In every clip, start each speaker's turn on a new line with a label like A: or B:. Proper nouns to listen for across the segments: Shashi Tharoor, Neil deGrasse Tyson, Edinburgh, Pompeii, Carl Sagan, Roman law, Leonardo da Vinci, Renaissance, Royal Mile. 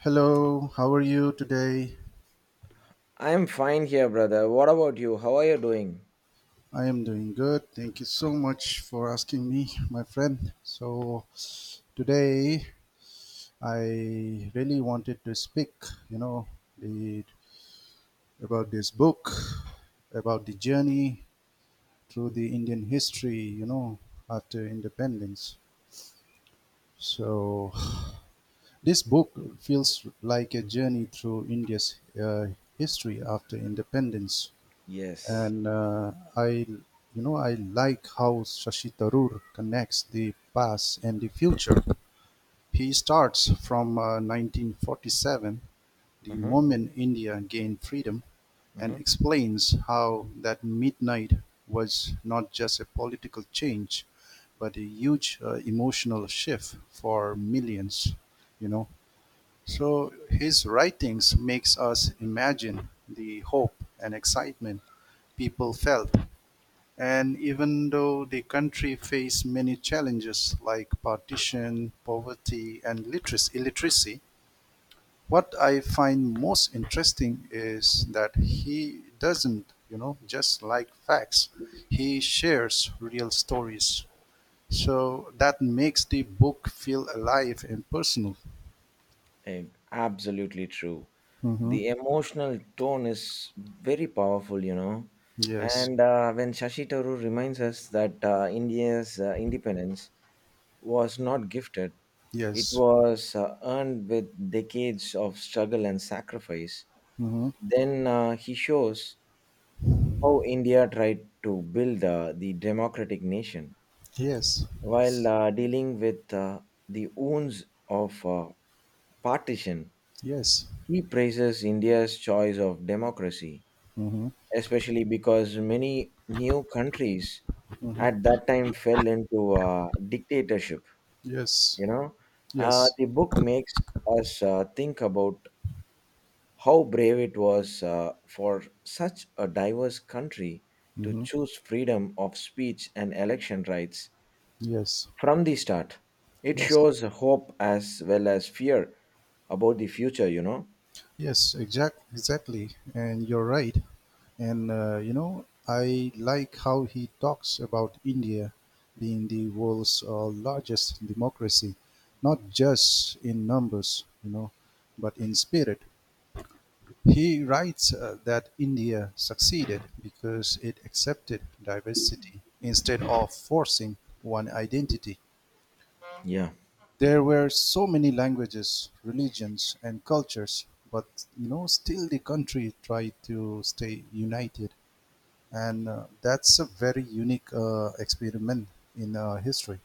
A: Hello, how are you today?
B: I'm fine here, brother. What about you? How are you doing?
A: I am doing good. Thank you so much for asking me, my friend. So, today I really wanted to speak, you know, the, about this book, about the journey through the Indian history, after independence. So, this book feels like a journey through India's history after independence,
B: Yes.
A: and I like how Shashi Tharoor connects the past and the future. He starts from 1947, the
B: Mm-hmm.
A: moment India gained freedom, and explains how that midnight was not just a political change, but a huge emotional shift for millions. You know, so his writings makes us imagine the hope and excitement people felt, and even though the country faced many challenges like partition, poverty, and literacy, illiteracy, what I find most interesting is that he doesn't just like facts. He shares real stories. So that makes the book feel alive and personal.
B: Mm-hmm. Absolutely true.
A: Hmm.
B: The emotional tone is very powerful, you know.
A: Yes.
B: And when Shashi Tharoor reminds us that India's independence was not gifted, it
A: Yes.
B: was earned with decades of struggle and sacrifice,
A: Hmm.
B: then he shows how India tried to build the democratic nation,
A: Yes.
B: while dealing with the wounds of partition.
A: Yes.
B: He praises India's choice of democracy,
A: Hmm.
B: especially because many new countries at
A: Hmm.
B: that time fell into dictatorship.
A: Yes.
B: You know,
A: Yes.
B: the book makes us think about how brave it was for such a diverse country to
A: Hmm.
B: choose freedom of speech and election rights
A: Yes.
B: from the start. It
A: Yes,
B: shows hope as well as fear about the future, you know?
A: yes, exactly, and you're right. And I like how he talks about India being the world's largest democracy, not just in numbers but in spirit. He writes that India succeeded because it accepted diversity instead of forcing one identity.
B: Yeah,
A: There were so many languages, religions, and cultures, but still the country tried to stay united, and that's a very unique experiment in history.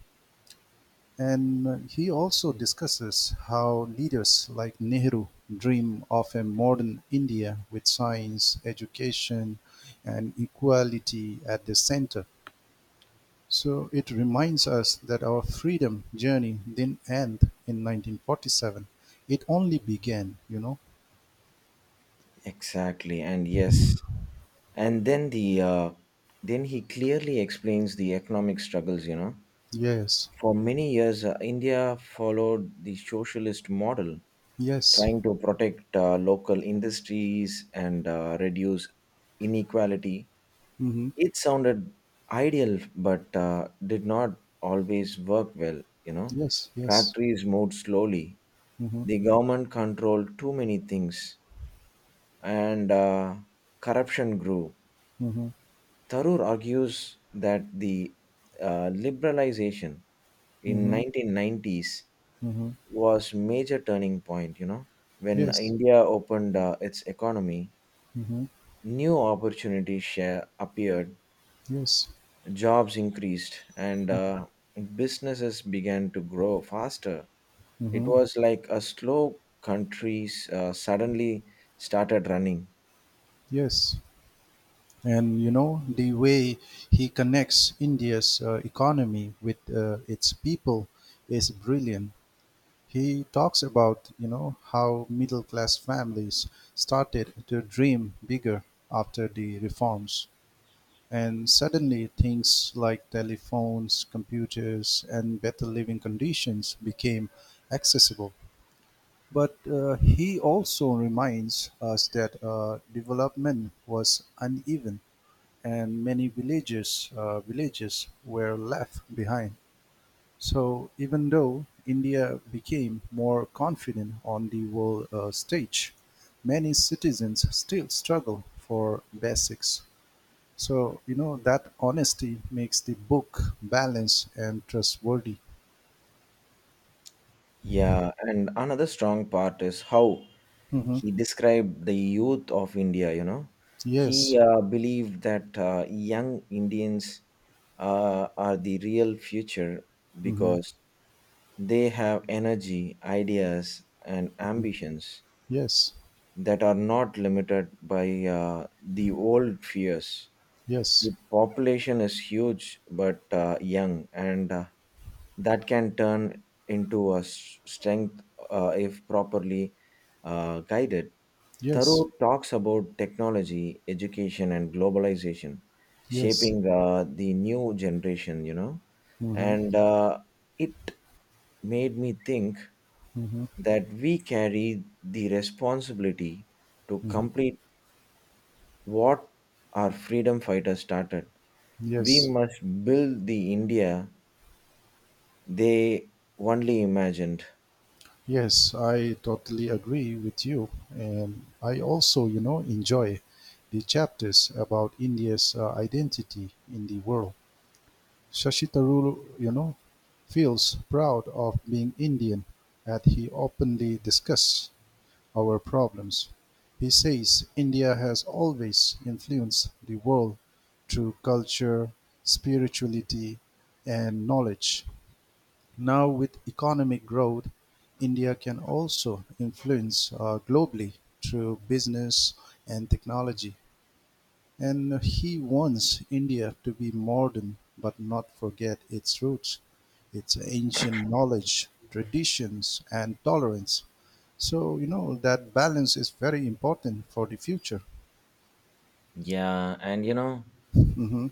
A: And he also discusses how leaders like Nehru dream of a modern India with science, education, and equality at the center. So it reminds us that our freedom journey didn't end in 1947. It only began, you know?
B: exactly. And yes, and then then he clearly explains the economic struggles, you know?
A: Yes.
B: For many years, India followed the socialist model,
A: Yes.
B: trying to protect local industries and reduce inequality.
A: Mm-hmm.
B: It sounded ideal, but did not always work well. You know,
A: Yes. Yes.
B: factories moved slowly.
A: Mm-hmm.
B: The government controlled too many things, and corruption grew.
A: Mm-hmm.
B: Tharoor argues that the liberalization in
A: Mm-hmm.
B: 1990s
A: Mm-hmm.
B: was major turning point. You know, when
A: Yes.
B: India opened its economy,
A: Mm-hmm.
B: new opportunities share appeared,
A: Yes.
B: jobs increased, and businesses began to grow faster. It
A: Mm-hmm.
B: was like a slow countries suddenly started running.
A: Yes. And you know the way he connects India's economy with its people is brilliant. He talks about how middle class families started to dream bigger after the reforms. And suddenly things like telephones, computers, and better living conditions became accessible. But he also reminds us that development was uneven, and many villages were left behind. So even though India became more confident on the world stage, many citizens still struggle for basics. So that honesty makes the book balanced and trustworthy.
B: Yeah, and another strong part is how
A: Mm-hmm.
B: he described the youth of India, you know.
A: Yes.
B: He believed that young Indians are the real future,
A: Mm-hmm.
B: because they have energy, ideas, and
A: Hmm.
B: ambitions
A: Yes.
B: that are not limited by the old fears.
A: Yes.
B: The population is huge but young, and that can turn into a strength if properly guided.
A: Yes.
B: Thoreau talks about technology, education, and globalization
A: Yes.
B: shaping the new generation, you know,
A: Mm-hmm.
B: and it made me think
A: Mm-hmm.
B: that we carry the responsibility to
A: Mm-hmm.
B: complete what our freedom fighters started. We
A: Yes.
B: must build the India they only imagined.
A: Yes, I totally agree with you. And I also enjoy the chapters about India's identity in the world. Shashi Tharoor feels proud of being Indian, and he openly discusses our problems. He says India has always influenced the world through culture, spirituality, and knowledge. Now with economic growth, India can also influence globally through business and technology. And he wants India to be modern but not forget its roots, its ancient knowledge, traditions, and tolerance. So, that balance is very important for the future.
B: Yeah, and you know,
A: Hmm.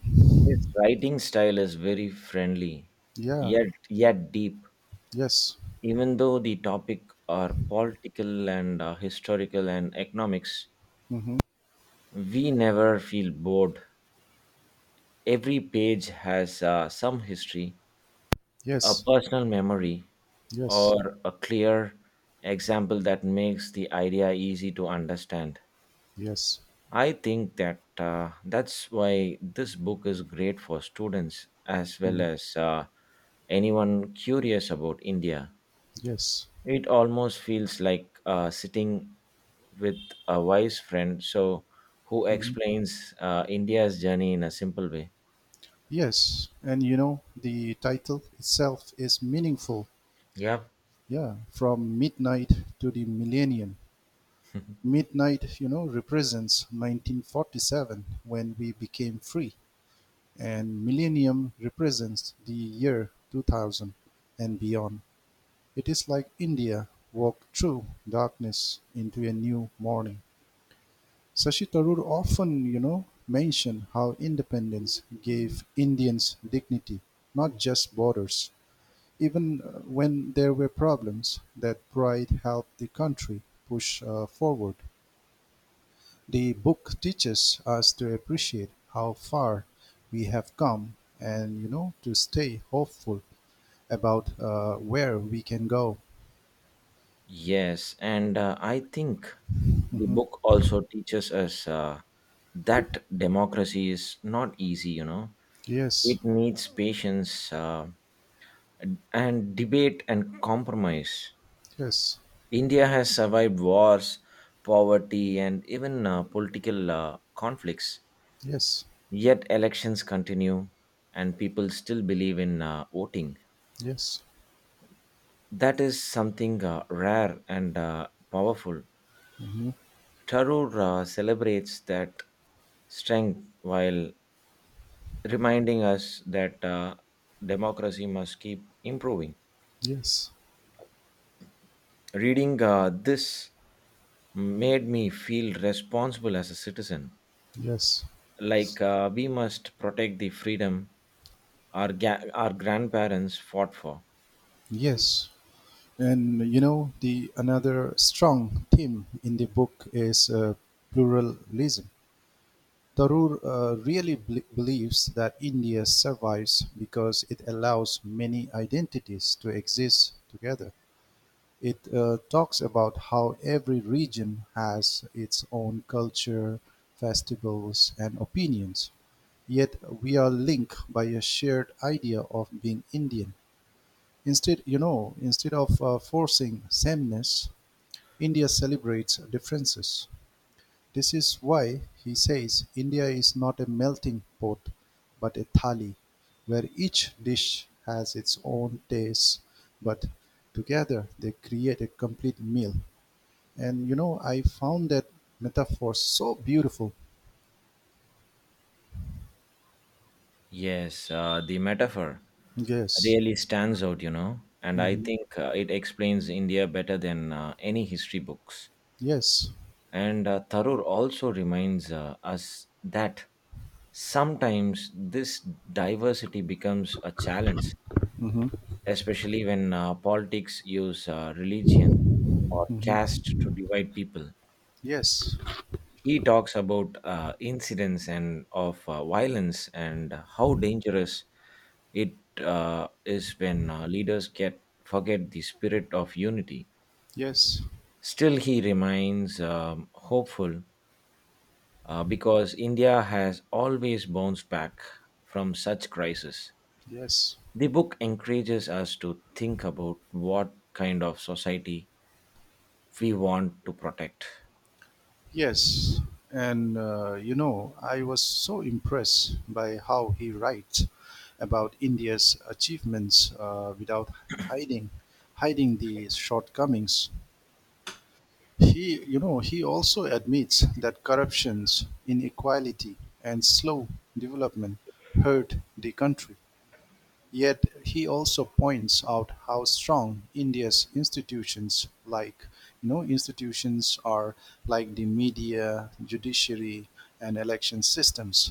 B: his writing style is very friendly,
A: Yeah,
B: yet deep.
A: yes.
B: Even though the topic are political and historical and economics,
A: Hmm.
B: we never feel bored. Every page has some history, a
A: Yes,
B: personal memory,
A: yes,
B: or a clear example that makes the idea easy to understand.
A: yes,
B: I think that that's why this book is great for students as well
A: mm,
B: as anyone curious about India.
A: yes.
B: It almost feels like sitting with a wise friend so who
A: Mm-hmm.
B: explains India's journey in a simple way.
A: Yes, and the title itself is meaningful.
B: Yep.
A: Yeah, from midnight to the millennium. Midnight represents 1947 when we became free, and millennium represents the year 2000 and beyond. It is like India walked through darkness into a new morning. Sashi Tharoor often mentioned how independence gave Indians dignity, not just borders. Even when there were problems, that pride helped the country push forward. The book teaches us to appreciate how far we have come and to stay hopeful about where we can go.
B: Yes, and I think the book also teaches us that democracy is not easy, you know.
A: Yes,
B: It needs patience and debate and compromise.
A: yes,
B: India has survived wars, poverty, and even political conflicts.
A: yes,
B: Yet elections continue, and people still believe in voting.
A: yes,
B: That is something rare and powerful.
A: mhm,
B: Tarura celebrates that strength while reminding us that democracy must keep improving.
A: yes,
B: Reading this made me feel responsible as a citizen.
A: yes,
B: Like we must protect the freedom our grandparents fought for.
A: yes. And the another strong theme in the book is pluralism. Tharoor really believes that India survives because it allows many identities to exist together. It talks about how every region has its own culture, festivals, and opinions. Yet we are linked by a shared idea of being Indian. Instead of forcing sameness, India celebrates differences. This is why, he says, India is not a melting pot, but a thali, where each dish has its own taste, but together they create a complete meal. And I found that metaphor so beautiful.
B: Yes, the metaphor
A: Yes.
B: really stands out, you know, and I
A: Hmm.
B: think it explains India better than any history books.
A: Yes.
B: And Tharoor also reminds us that sometimes this diversity becomes a challenge,
A: Hmm.
B: especially when politics use religion or
A: Hmm.
B: caste to divide people.
A: Yes.
B: He talks about incidents and of violence and how dangerous it is when leaders get forget the spirit of unity.
A: Yes.
B: Still, he remains hopeful because India has always bounced back from such crises.
A: Yes.
B: The book encourages us to think about what kind of society we want to protect.
A: Yes, and I was so impressed by how he writes about India's achievements without hiding hiding the shortcomings. He also admits that corruptions, inequality, and slow development hurt the country. Yet he also points out how strong India's institutions are, like the media, judiciary, and election systems.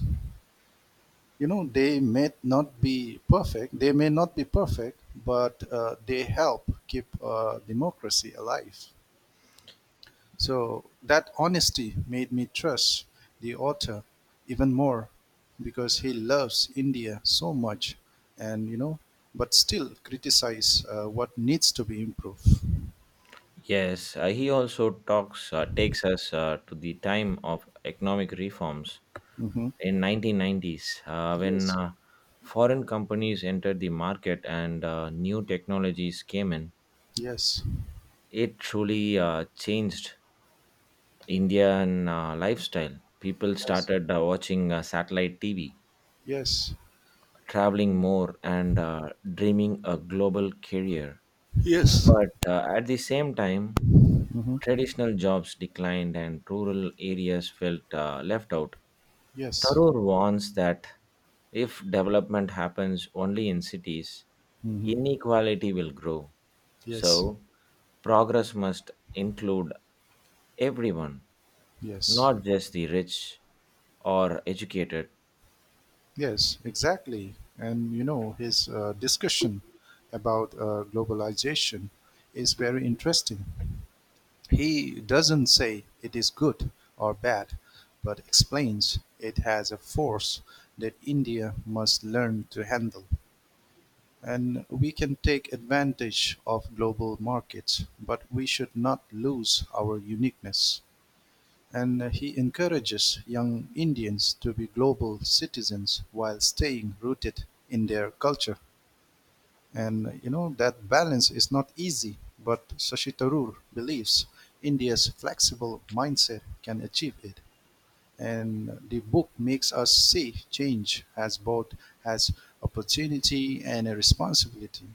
A: They may not be perfect. They may not be perfect, but they help keep democracy alive. So that honesty made me trust the author even more because he loves India so much, and but still criticize what needs to be improved.
B: Yes, he also talks takes us to the time of economic reforms
A: Hmm.
B: in 1990s when
A: Yes,
B: foreign companies entered the market and new technologies came in.
A: yes,
B: It truly changed Indian lifestyle. People
A: yes,
B: started watching satellite TV,
A: yes,
B: traveling more, and dreaming a global career.
A: yes.
B: But at the same time,
A: Hmm.
B: traditional jobs declined and rural areas felt left out.
A: Yes.
B: Tharoor warns that if development happens only in cities,
A: Hmm.
B: inequality will grow.
A: Yes,
B: So, progress must include everyone,
A: yes,
B: not just the rich or educated.
A: yes, exactly. And his discussion about globalization is very interesting. He doesn't say it is good or bad, but explains it has a force that India must learn to handle. And we can take advantage of global markets, but we should not lose our uniqueness. And he encourages young Indians to be global citizens while staying rooted in their culture. And that balance is not easy, but Sashi Tharoor believes India's flexible mindset can achieve it. And the book makes us see change as both as opportunity and a responsibility.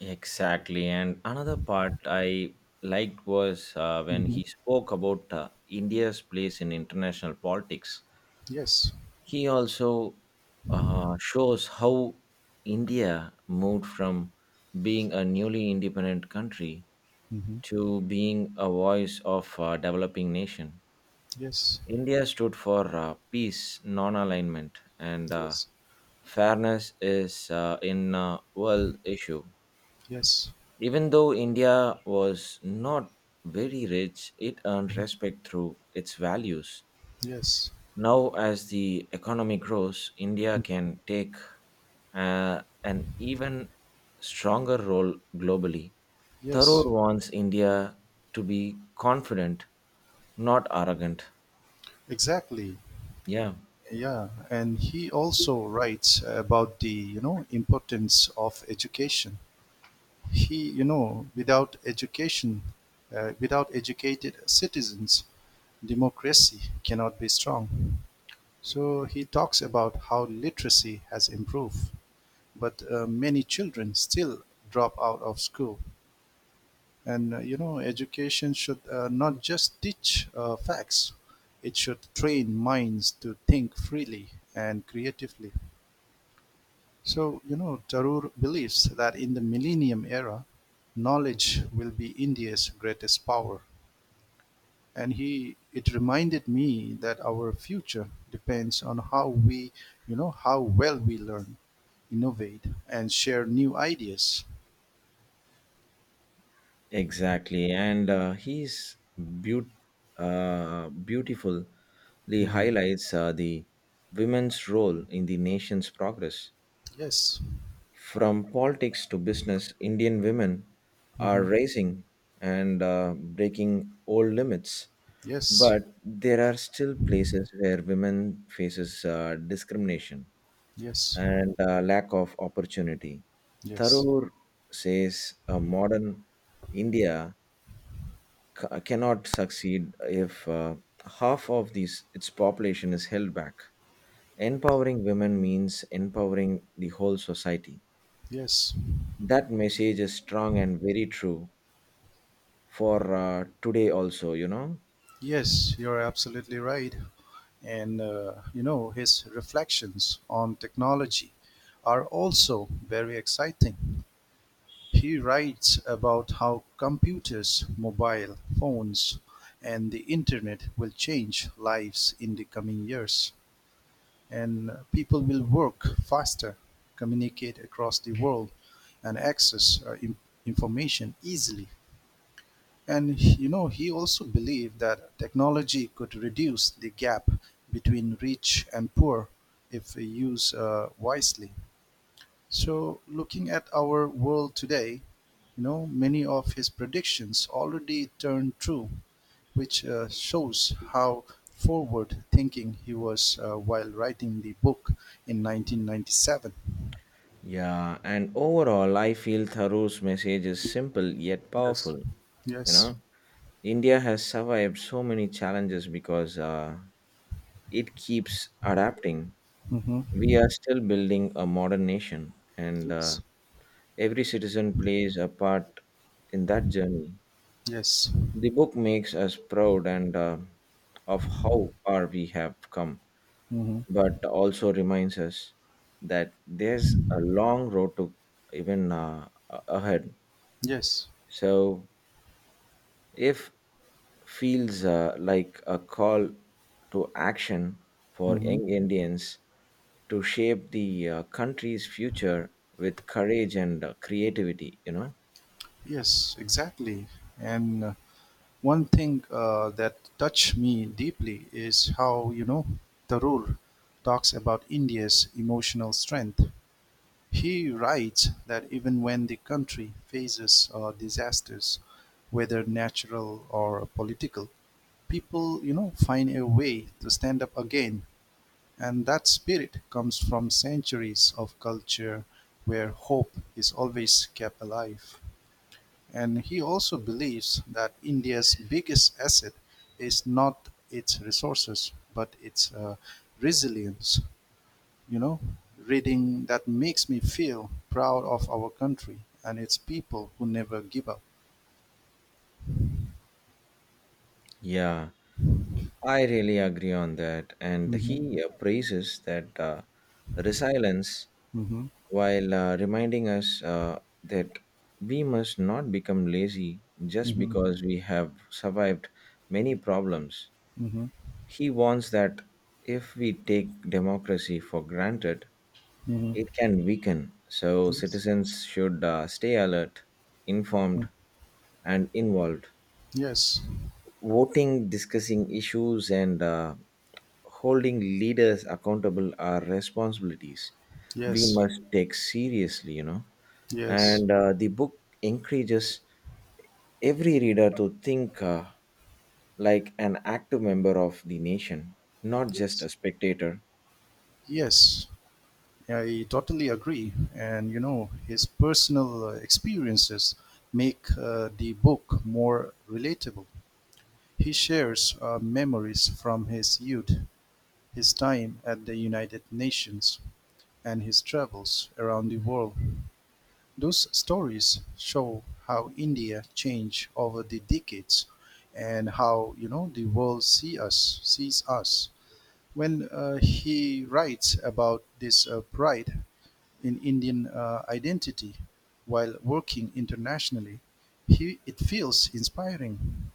B: Exactly. And another part I liked was when
A: Hmm.
B: he spoke about India's place in international politics.
A: Yes.
B: He also shows how India moved from being a newly independent country
A: Hmm.
B: to being a voice of a developing nation.
A: Yes,
B: India stood for peace, non alignment, and
A: yes,
B: fairness is in a world issue.
A: yes,
B: Even though India was not very rich, it earned respect through its values.
A: yes,
B: Now, as the economy grows, India can take an even stronger role globally.
A: yes.
B: Tharoor wants India to be confident, not arrogant.
A: Exactly.
B: Yeah,
A: Yeah, and he also writes about the importance of education. Without education, without educated citizens, democracy cannot be strong. So he talks about how literacy has improved, but many children still drop out of school. And education should not just teach facts; it should train minds to think freely and creatively. So, Tarur believes that in the millennium era, knowledge will be India's greatest power. And he it reminded me that our future depends on how well we learn, innovate, and share new ideas.
B: exactly. And he's beaut- beautifully
A: Mm.
B: highlights the women's role in the nation's progress.
A: Yes.
B: From politics to business, Indian women are
A: Hmm.
B: raising and breaking old limits.
A: Yes.
B: But there are still places where women faces discrimination
A: Yes.
B: and lack of opportunity.
A: Yes.
B: Tharoor says modern India cannot succeed if half of these its population is held back. Empowering women means empowering the whole society.
A: Yes.
B: That message is strong and very true for today also, you know.
A: Yes. You're absolutely right. And his reflections on technology are also very exciting. He writes about how computers, mobile phones, and the internet will change lives in the coming years. And people will work faster, communicate across the world, and access information easily. And he also believed that technology could reduce the gap between rich and poor if we use wisely. So, looking at our world today many of his predictions already turned true, which shows how forward thinking he was while writing the book in 1997.
B: Yeah, and overall I feel Tharo's message is simple yet
A: Yes.
B: powerful, you know.
A: Yes.
B: India has survived so many challenges because it keeps adapting.
A: Mm-hmm.
B: We are still building a modern nation, and
A: Yes.
B: every citizen plays a part in that journey.
A: Yes.
B: The book makes us proud and of how far we have come,
A: Mm-hmm.
B: but also reminds us that there's a long road to even ahead.
A: Yes.
B: So if feels like a call to action for
A: Mm-hmm.
B: young Indians to shape the country's future with courage and creativity, you know?
A: Yes, exactly. And one thing that touched me deeply is how Tharoor talks about India's emotional strength. He writes that even when the country faces disasters, whether natural or political, people find a way to stand up again. And that spirit comes from centuries of culture where hope is always kept alive. And he also believes that India's biggest asset is not its resources, but its resilience. You know, reading that makes me feel proud of our country and its people who never give up.
B: Yeah, I really agree on that. And
A: Mm-hmm.
B: he praises that resilience
A: Mm-hmm.
B: while reminding us that we must not become lazy just
A: Mm-hmm.
B: because we have survived many problems.
A: Mm-hmm.
B: He warns that if we take democracy for granted,
A: Mm-hmm.
B: it can weaken. So,
A: Yes.
B: citizens should stay alert, informed,
A: Mm.
B: and involved,
A: Yes.
B: voting, discussing issues, and holding leaders accountable are responsibilities we
A: Yes.
B: must take seriously, you know.
A: Yes.
B: And the book encourages every reader to think like an active member of the nation, not just
A: Yes.
B: a spectator.
A: Yes. I totally agree. And his personal experiences make the book more relatable. He shares memories from his youth, his time at the United Nations, and his travels around the world. Those stories show how India changed over the decades, and how the world sees us when he writes about this pride in Indian identity while working internationally, it feels inspiring,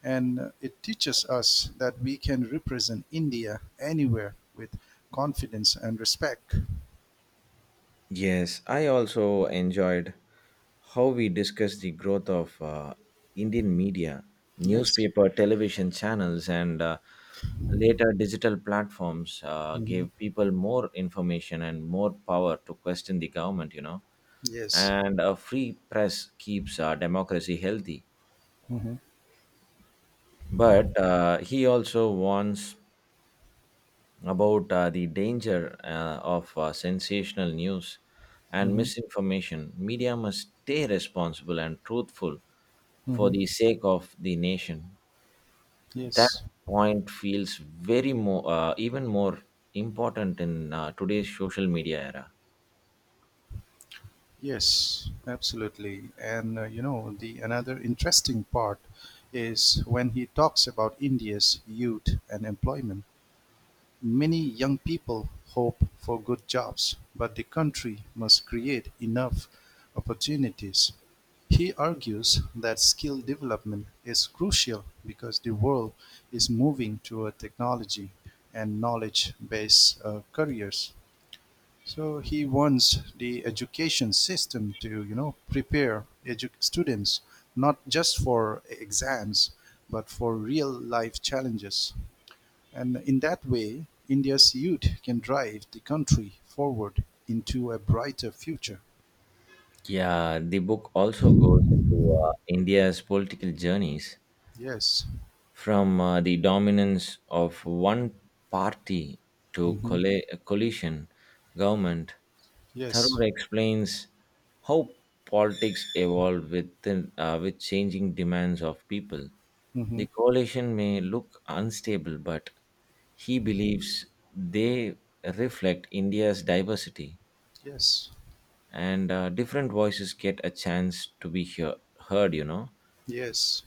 A: and it teaches us that we can represent India anywhere with confidence and respect.
B: Yes, I also enjoyed how we discussed the growth of Indian media,
A: Yes.
B: newspaper, television channels, and later digital platforms
A: Hmm.
B: gave people more information and more power to question the government, you know.
A: Yes.
B: And a free press keeps democracy healthy.
A: Hmm.
B: But he also warns about the danger of sensational news and
A: Hmm.
B: misinformation. Media must stay responsible and truthful for
A: Hmm.
B: the sake of the nation. That
A: Yes.
B: point feels even more important in today's social media era.
A: Yes. Absolutely. And the another interesting part is when he talks about India's youth and employment. Many young people hope for good jobs, but the country must create enough opportunities. He argues that skill development is crucial because the world is moving toward technology and knowledge based careers. So he wants the education system to prepare students not just for exams, but for real life challenges. And in that way, India's youth can drive the country forward into a brighter future.
B: Yeah, the book also goes into India's political journeys
A: Yes.
B: from the dominance of one party to
A: Hmm.
B: coalition government. Thoreau
A: Yes.
B: explains how politics evolve within, with changing demands of people.
A: Hmm.
B: The coalition may look unstable, but he believes they reflect India's diversity,
A: Yes.
B: and different voices get a chance to be heard, you know.
A: Yes.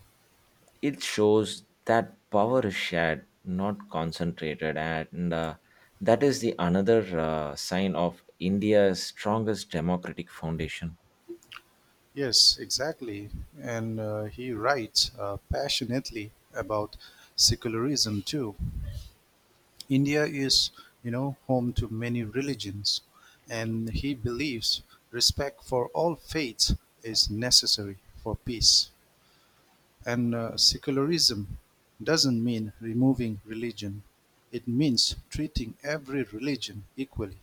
B: It shows that power is shared, not concentrated, and that is the another sign of India's strongest democratic foundation.
A: Yes, exactly. And he writes passionately about secularism too. India is home to many religions, and he believes respect for all faiths is necessary for peace. And secularism doesn't mean removing religion, it means treating every religion equally.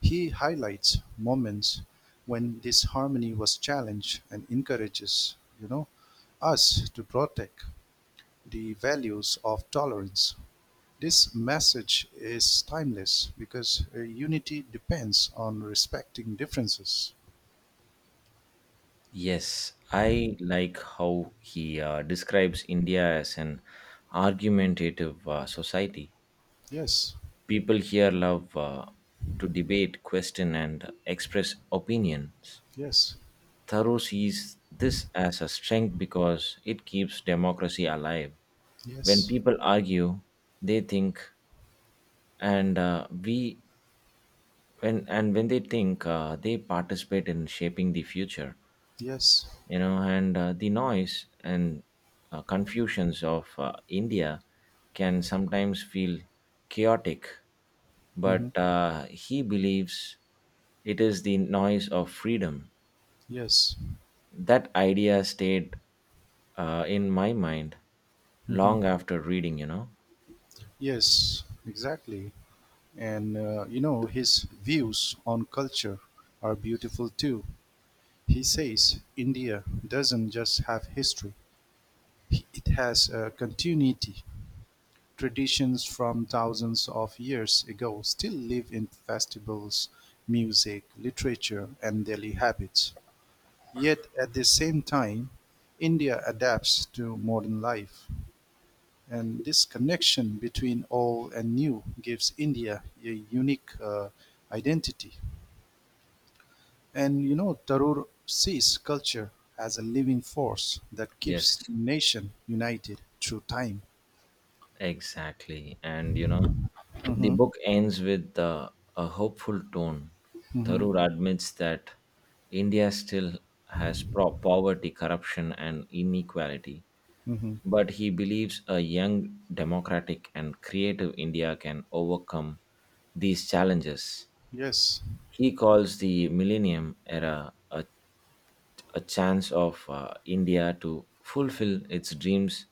A: He highlights moments when this harmony was challenged and encourages, you know, us to protect the values of tolerance. This message is timeless because unity depends on respecting differences.
B: Yes, I like how he describes India as an argumentative society.
A: Yes,
B: People here love to debate, question, and express opinions.
A: yes,
B: Thoreau sees this as a strength because it keeps democracy alive. When
A: yes,
B: people argue, they think, and we when and when they think, they participate in shaping the future.
A: yes,
B: You know, and the noise and confusions of India can sometimes feel chaotic,
A: hmm,
B: but he believes it is the noise of freedom.
A: yes.
B: That idea stayed in my mind
A: Hmm.
B: long after reading, you know.
A: Yes, exactly. And his views on culture are beautiful too. He says India doesn't just have history, it has a continuity. Traditions from thousands of years ago still live in festivals, music, literature, and daily habits. Yet at the same time, India adapts to modern life. And this connection between old and new gives India a unique identity. And Tarur sees culture as a living force that keeps
B: Yes,
A: nation united through time.
B: exactly. And you know, the
A: Hmm.
B: book ends with a hopeful tone.
A: Hmm.
B: Tharoor admits that India still has poverty, corruption, and inequality,
A: Hmm.
B: but he believes a young, democratic, and creative India can overcome these challenges.
A: Yes,
B: He calls the millennium era a chance of India to fulfill its dreams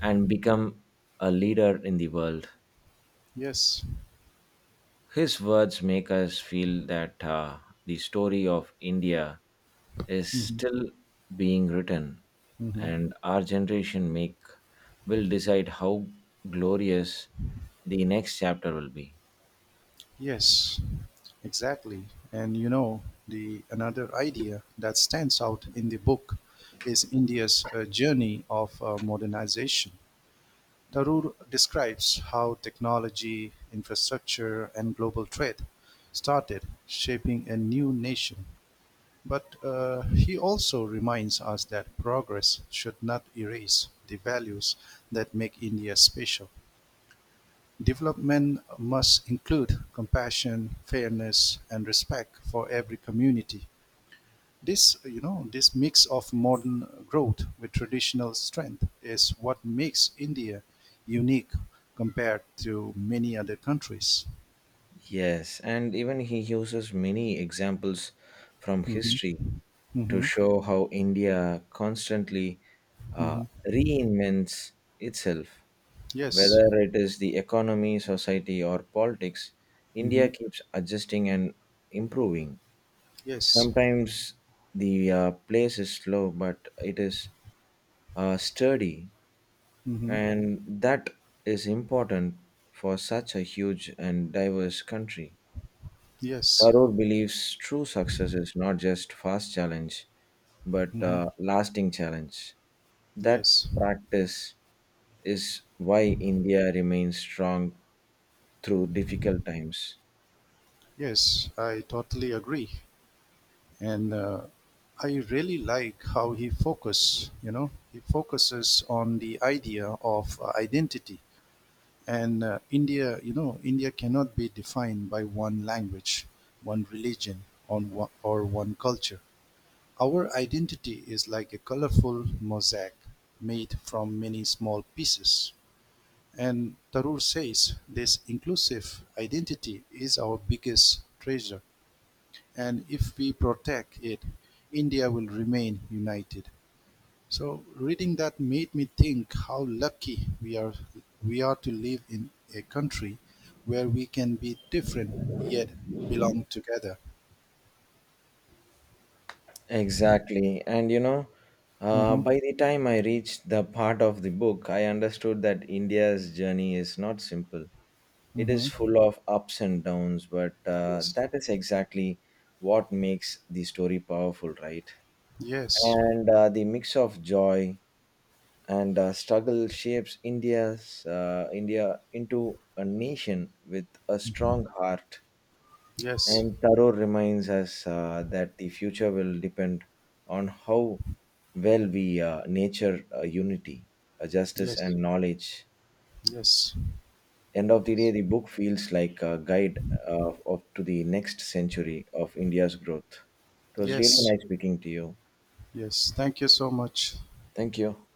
B: and become a leader in the world.
A: yes.
B: His words make us feel that the story of India is
A: Hmm.
B: still being written,
A: Hmm.
B: and our generation make will decide how glorious the next chapter will be.
A: Yes, exactly. And the another idea that stands out in the book is India's journey of modernization. Tarur describes how technology, infrastructure and global trade started shaping a new nation, but he also reminds us that progress should not erase the values that make India special. Development must include compassion, fairness and respect for every community. This mix of modern growth with traditional strength is what makes India unique compared to many other countries.
B: Yes, and even he uses many examples from
A: Hmm.
B: history to
A: Hmm.
B: show how India constantly uh,
A: Hmm.
B: reinvents itself.
A: Yes.
B: Whether it is the economy, society, or politics,
A: Hmm.
B: India keeps adjusting and improving.
A: Yes.
B: Sometimes the place is slow, but it is sturdy,
A: Hmm.
B: and that is important for such a huge and diverse country.
A: Yes.
B: Tharoor believes true success is not just fast challenge, but
A: Hmm.
B: lasting challenge. That
A: Yes.
B: practice is why India remains strong through difficult times.
A: Yes. I totally agree. And I really like how he focuses on the idea of identity, and india you know india cannot be defined by one language, one religion, on one, or one culture. Our identity is like a colorful mosaic made from many small pieces, and Tarur says this inclusive identity is our biggest treasure. And if we protect it, India will remain united. So reading that made me think how lucky we are to live in a country where we can be different, yet belong together.
B: Exactly. And you know,
A: Hmm.
B: by the time I reached the part of the book, I understood that India's journey is not simple. It is
A: Hmm.
B: full of ups and downs, but
A: Yes.
B: that is exactly what makes the story powerful, right?
A: Yes.
B: And the mix of joy, and struggle shapes India into a nation with a strong heart.
A: Yes.
B: And Thoreau reminds us that the future will depend on how well we nature unity, justice,
A: Yes.
B: and knowledge.
A: Yes.
B: End of the day,
A: Yes.
B: the book feels like a guide of to the next century of India's growth. It was really
A: Yes.
B: nice speaking to you.
A: Yes. Thank you so much.
B: Thank you.